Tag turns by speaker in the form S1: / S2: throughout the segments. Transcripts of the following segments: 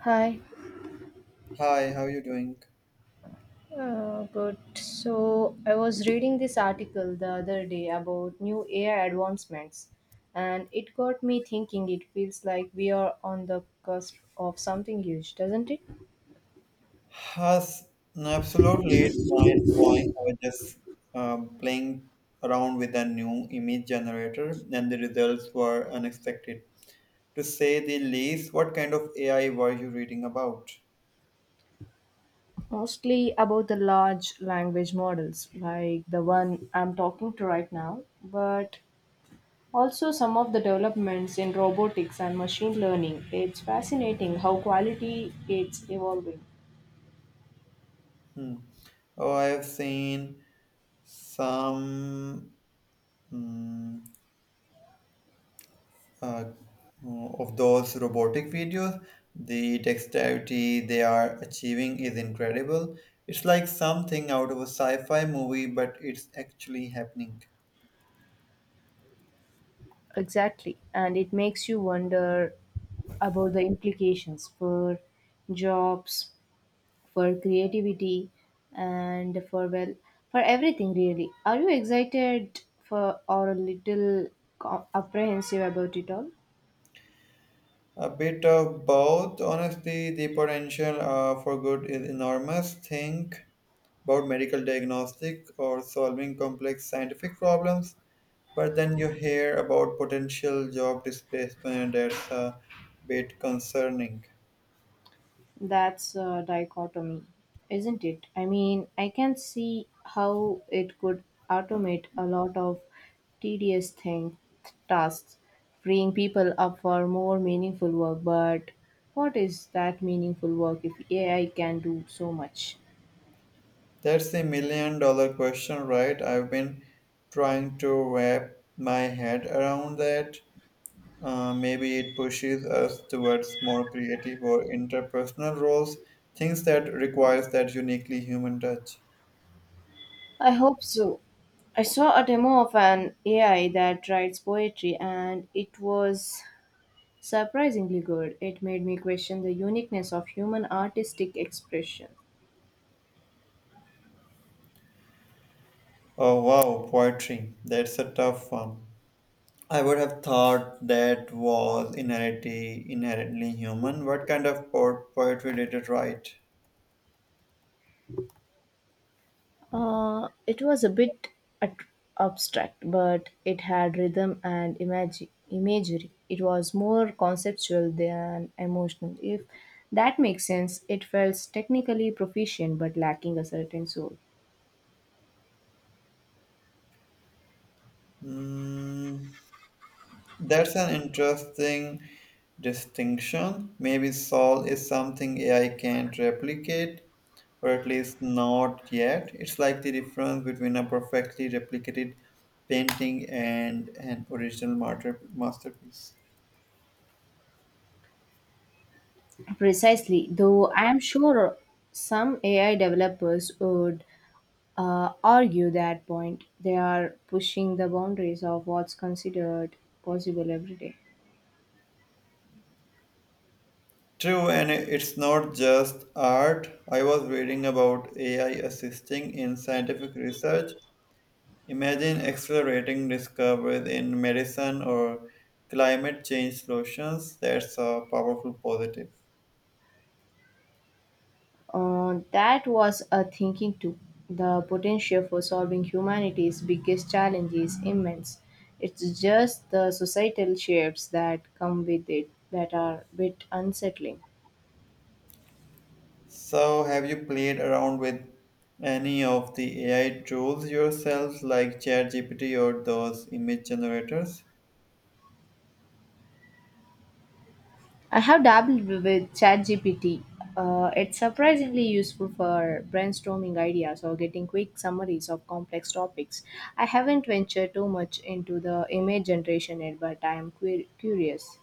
S1: Hi.
S2: Hi, how are you doing?
S1: Good. So I was reading this article the other day about new AI advancements, and it got me thinking. It feels like we are on the cusp of something huge, doesn't it?
S2: Has Absolutely, it's mind blowing. I was just playing around with a new image generator, and the results were unexpected, to say the least. What kind of AI were you reading about?
S1: Mostly about the large language models, like the one I'm talking to right now, but also some of the developments in robotics and machine learning. It's fascinating how quality it's evolving.
S2: Hmm. Oh, I have seen some. hmm, uh, of those robotic videos, the dexterity they are achieving is incredible. It's like something out of a sci fi movie, but it's actually happening.
S1: Exactly. And it makes you wonder about the implications for jobs, for creativity, and for, well, for everything really. Are you excited for or a little apprehensive about it all?
S2: A bit of both, honestly, the potential for good is enormous. Think about medical diagnostic or solving complex scientific problems, but then you hear about potential job displacement, that's a bit concerning.
S1: That's a dichotomy, isn't it? I mean, I can see how it could automate a lot of tedious thing tasks, freeing people up for more meaningful work. But what is that meaningful work if AI can do so much?
S2: That's the million dollar question, right? I've been trying to wrap my head around that. Maybe it pushes us towards more creative or interpersonal roles, things that requires that uniquely human touch.
S1: I hope so. I saw a demo of an AI that writes poetry and it was surprisingly good. It made me question the uniqueness of human artistic expression.
S2: Oh wow, poetry. That's a tough one. I would have thought that was inherently human. What kind of poetry did it write?
S1: It was a bit at- abstract, but it had rhythm and imagery. It was more conceptual than emotional. If that makes sense, it felt technically proficient but lacking a certain soul.
S2: Hmm. That's an interesting distinction. Maybe soul is something AI can't replicate, or at least not yet. It's like the difference between a perfectly replicated painting and an original masterpiece.
S1: Precisely, though I am sure some AI developers would argue that point. They are pushing the boundaries of what's considered possible every day.
S2: True, and it's not just art. I was reading about AI assisting in scientific research. Imagine accelerating discoveries in medicine or climate change solutions. That's a powerful positive.
S1: That was a thinking too. The potential for solving humanity's biggest challenge is immense. It's just the societal shifts that come with it that are a bit unsettling.
S2: So, have you played around with any of the AI tools yourself, like ChatGPT or those image generators?
S1: I have dabbled with ChatGPT. It's surprisingly useful for brainstorming ideas or getting quick summaries of complex topics. I haven't ventured too much into the image generation yet, but I am queer curious.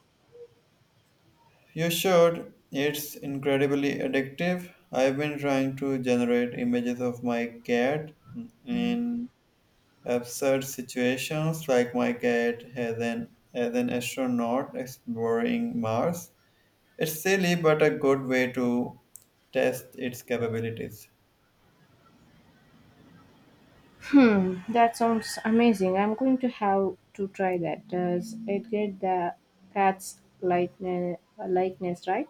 S2: You should. It's incredibly addictive. I've been trying to generate images of my cat in absurd situations, like my cat as an astronaut exploring Mars. It's silly but a good way to test its capabilities.
S1: Hmm, that sounds amazing. I'm going to have to try that. Does it get the cat's likeness, likeness right?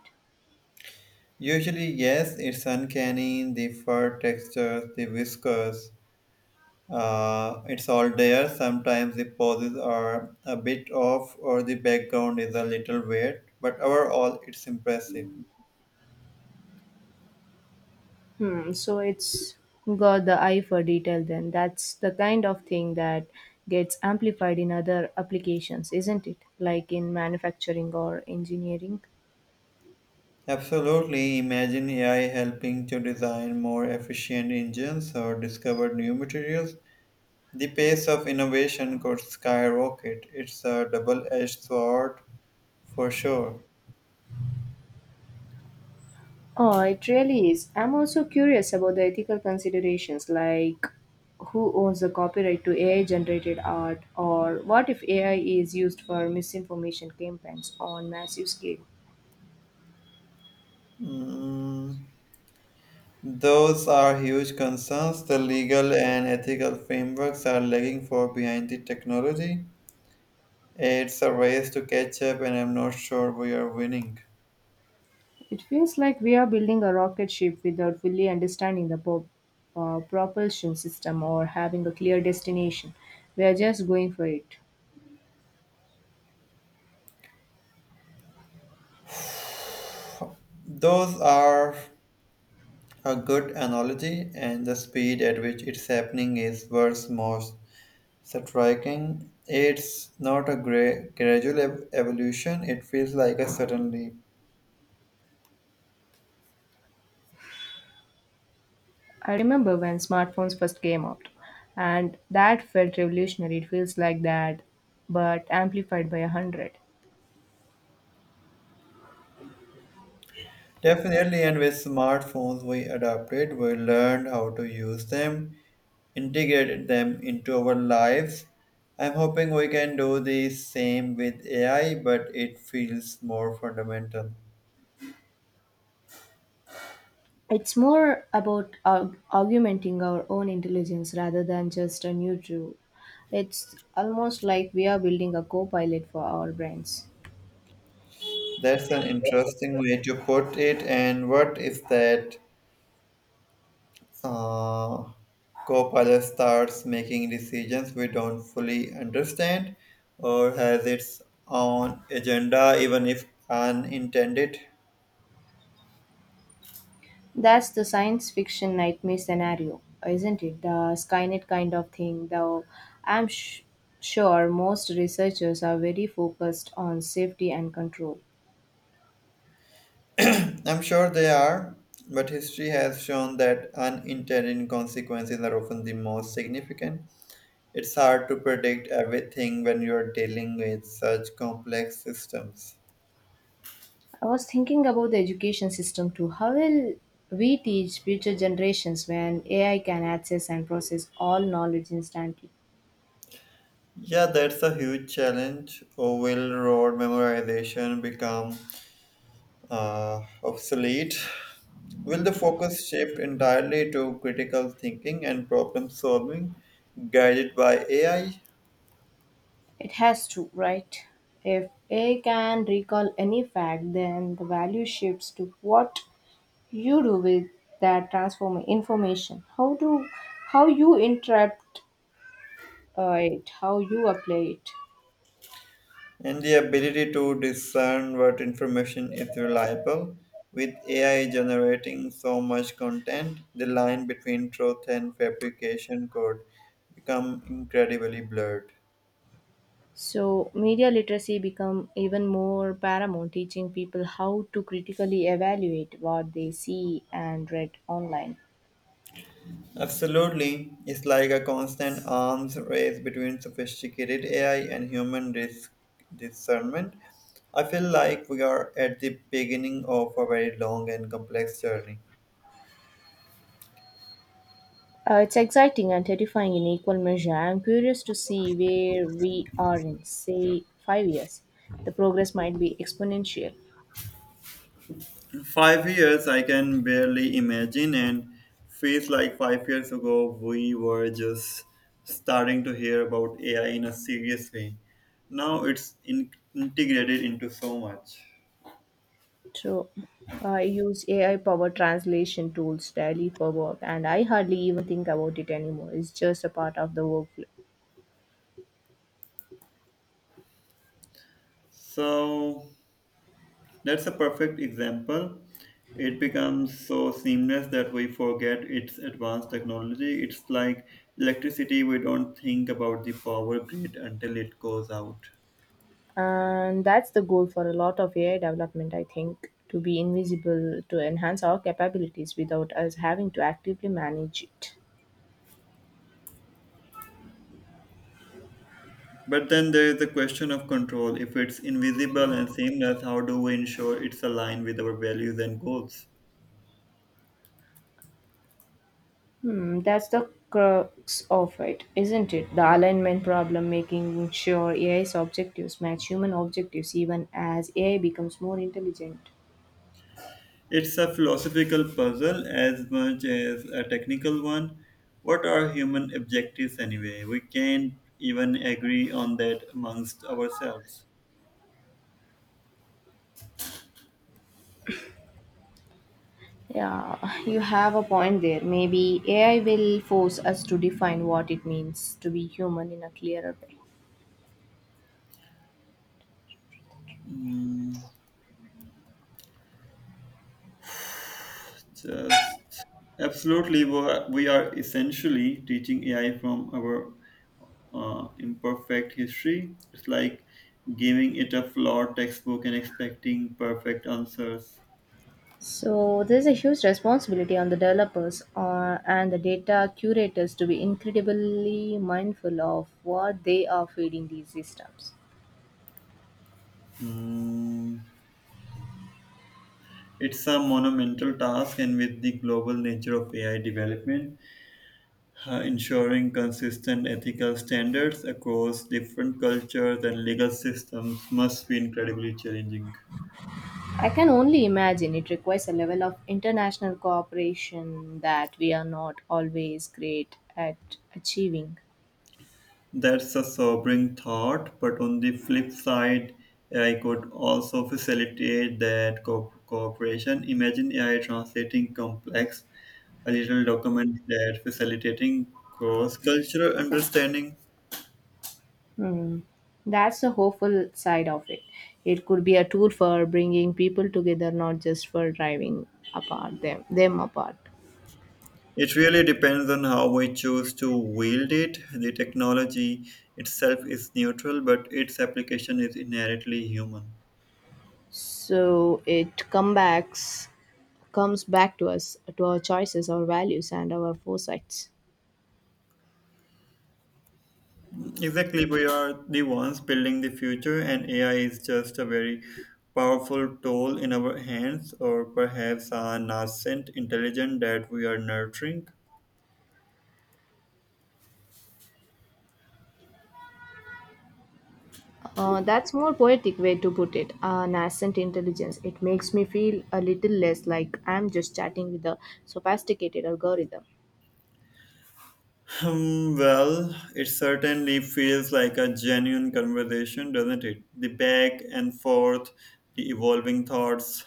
S2: Usually, yes, it's uncanny, the fur textures, the whiskers, it's all there. Sometimes the poses are a bit off or the background is a little weird, but overall, it's impressive.
S1: Hmm, so it's got the eye for detail then. That's the kind of thing that gets amplified in other applications, isn't it? Like in manufacturing or engineering.
S2: Absolutely. Imagine AI helping to design more efficient engines or discover new materials. The pace of innovation could skyrocket. It's a double edged sword for sure.
S1: Oh, it really is. I'm also curious about the ethical considerations like who owns the copyright to AI generated art or what if AI is used for misinformation campaigns on massive scale.
S2: Mm, those are huge concerns. The legal and ethical frameworks are lagging far behind the technology. It's a race to catch up, and I'm not sure we are winning.
S1: It feels like we are building a rocket ship without fully understanding the propulsion system or having a clear destination. We are just going for it.
S2: Those are A good analogy, and the speed at which it's happening is what's most striking. It's not a gradual evolution, it feels like a sudden leap.
S1: I remember when smartphones first came out, and that felt revolutionary. It feels like that, but amplified by a hundred.
S2: Definitely, and with smartphones, we adapted, we learned how to use them, integrated them into our lives. I'm hoping we can do the same with AI, but it feels more fundamental.
S1: It's more about augmenting our own intelligence rather than just a new tool. It's almost like we are building a co pilot for our brains.
S2: That's an interesting way to put it. And what is that Uh, Copilot starts making decisions we don't fully understand or has its own agenda, even if unintended.
S1: That's the science fiction nightmare scenario, isn't it? The Skynet kind of thing, though I'm sh- sure most researchers are very focused on safety and control.
S2: I'm sure they are, but history has shown that unintended consequences are often the most significant. It's hard to predict everything when you're dealing with such complex systems.
S1: I was thinking about the education system too. How will we teach future generations when AI can access and process all knowledge instantly?
S2: Yeah, that's a huge challenge. Or will road memorization become obsolete. Will the focus shift entirely to critical thinking and problem solving guided by AI?
S1: It has to, right? If A can recall any fact, then the value shifts to what you do with that transform information. How you interpret it, how you apply it.
S2: And the ability to discern what information is reliable. With AI generating so much content, the line between truth and fabrication could become incredibly blurred.
S1: So media literacy become even more paramount, teaching people how to critically evaluate what they see and read online.
S2: Absolutely. It's like a constant arms race between sophisticated AI and human risk discernment. I feel like we are at the beginning of a very long and complex journey.
S1: It's exciting and terrifying in equal measure. I'm curious to see where we are in, say, 5 years. The progress might be exponential.
S2: 5 years, I can barely imagine, and feels like 5 years ago we were just starting to hear about AI in a serious way. Now it's integrated into so much.
S1: So, I use AI powered translation tools daily for work, and I hardly even think about it anymore. It's just a part of the workflow.
S2: So, That's a perfect example. It becomes so seamless that we forget its advanced technology. It's like electricity, we don't think about the power grid until it goes out.
S1: And that's the goal for a lot of AI development, I think, to be invisible, to enhance our capabilities without us having to actively manage it.
S2: But then there is the question of control. If it's invisible and seamless, how do we ensure it's aligned with our values and goals?
S1: Hmm, that's the crux of it, isn't it? The alignment problem, making sure AI's objectives match human objectives even as AI becomes more intelligent.
S2: It's a philosophical puzzle as much as a technical one. What are human objectives anyway? We can't even agree on that amongst ourselves.
S1: Yeah, you have a point there. Maybe AI will force us to define what it means to be human in a clearer way.
S2: Mm, Just Absolutely, we are essentially teaching AI from our imperfect history. It's like giving it a flawed textbook and expecting perfect answers.
S1: So there's a huge responsibility on the developers and the data curators to be incredibly mindful of what they are feeding these systems.
S2: Mm, it's a monumental task, and with the global nature of AI development, ensuring consistent ethical standards across different cultures and legal systems must be incredibly challenging.
S1: I can only imagine it requires a level of international cooperation that we are not always great at achieving.
S2: That's a sobering thought, but on the flip side, AI could also facilitate that cooperation. Imagine AI translating complex a little documents that facilitating cross-cultural understanding.
S1: That's the hopeful side of it. It could be a tool for bringing people together, not just for driving apart them apart.
S2: It really depends on how we choose to wield it. The technology itself is neutral, but its application is inherently human.
S1: So it comes back to us, to our choices, our values, and our foresights.
S2: Exactly, we are the ones building the future, and AI is just a very powerful tool in our hands, or perhaps a nascent intelligence that we are nurturing.
S1: That's more poetic way to put it. Nascent intelligence. It makes me feel a little less like I'm just chatting with a sophisticated algorithm.
S2: Hmm, well, it certainly feels like a genuine conversation, doesn't it? The back and forth, the evolving thoughts,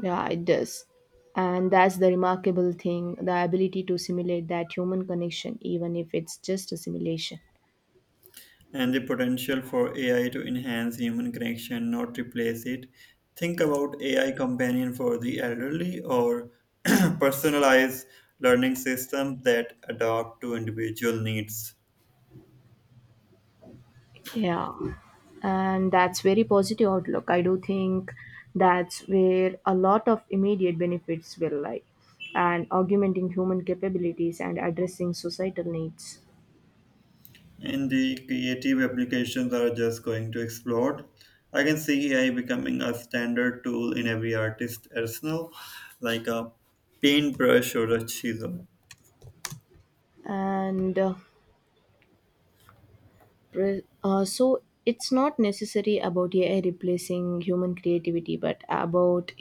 S1: Yeah, it does. And that's the remarkable thing, the ability to simulate that human connection, even if it's just a simulation.
S2: and the potential for AI to enhance human connection, not replace it. Think about AI companion for the elderly or personalized learning systems that adapt to individual needs.
S1: Yeah. And that's very positive outlook. I do think that's where a lot of immediate benefits will lie. And augmenting human capabilities and addressing societal needs.
S2: And the creative applications are just going to explode. I can see AI becoming a standard tool in every artist arsenal, like a paintbrush or a chisel.
S1: And uh, so it's not necessary about AI replacing human creativity, but about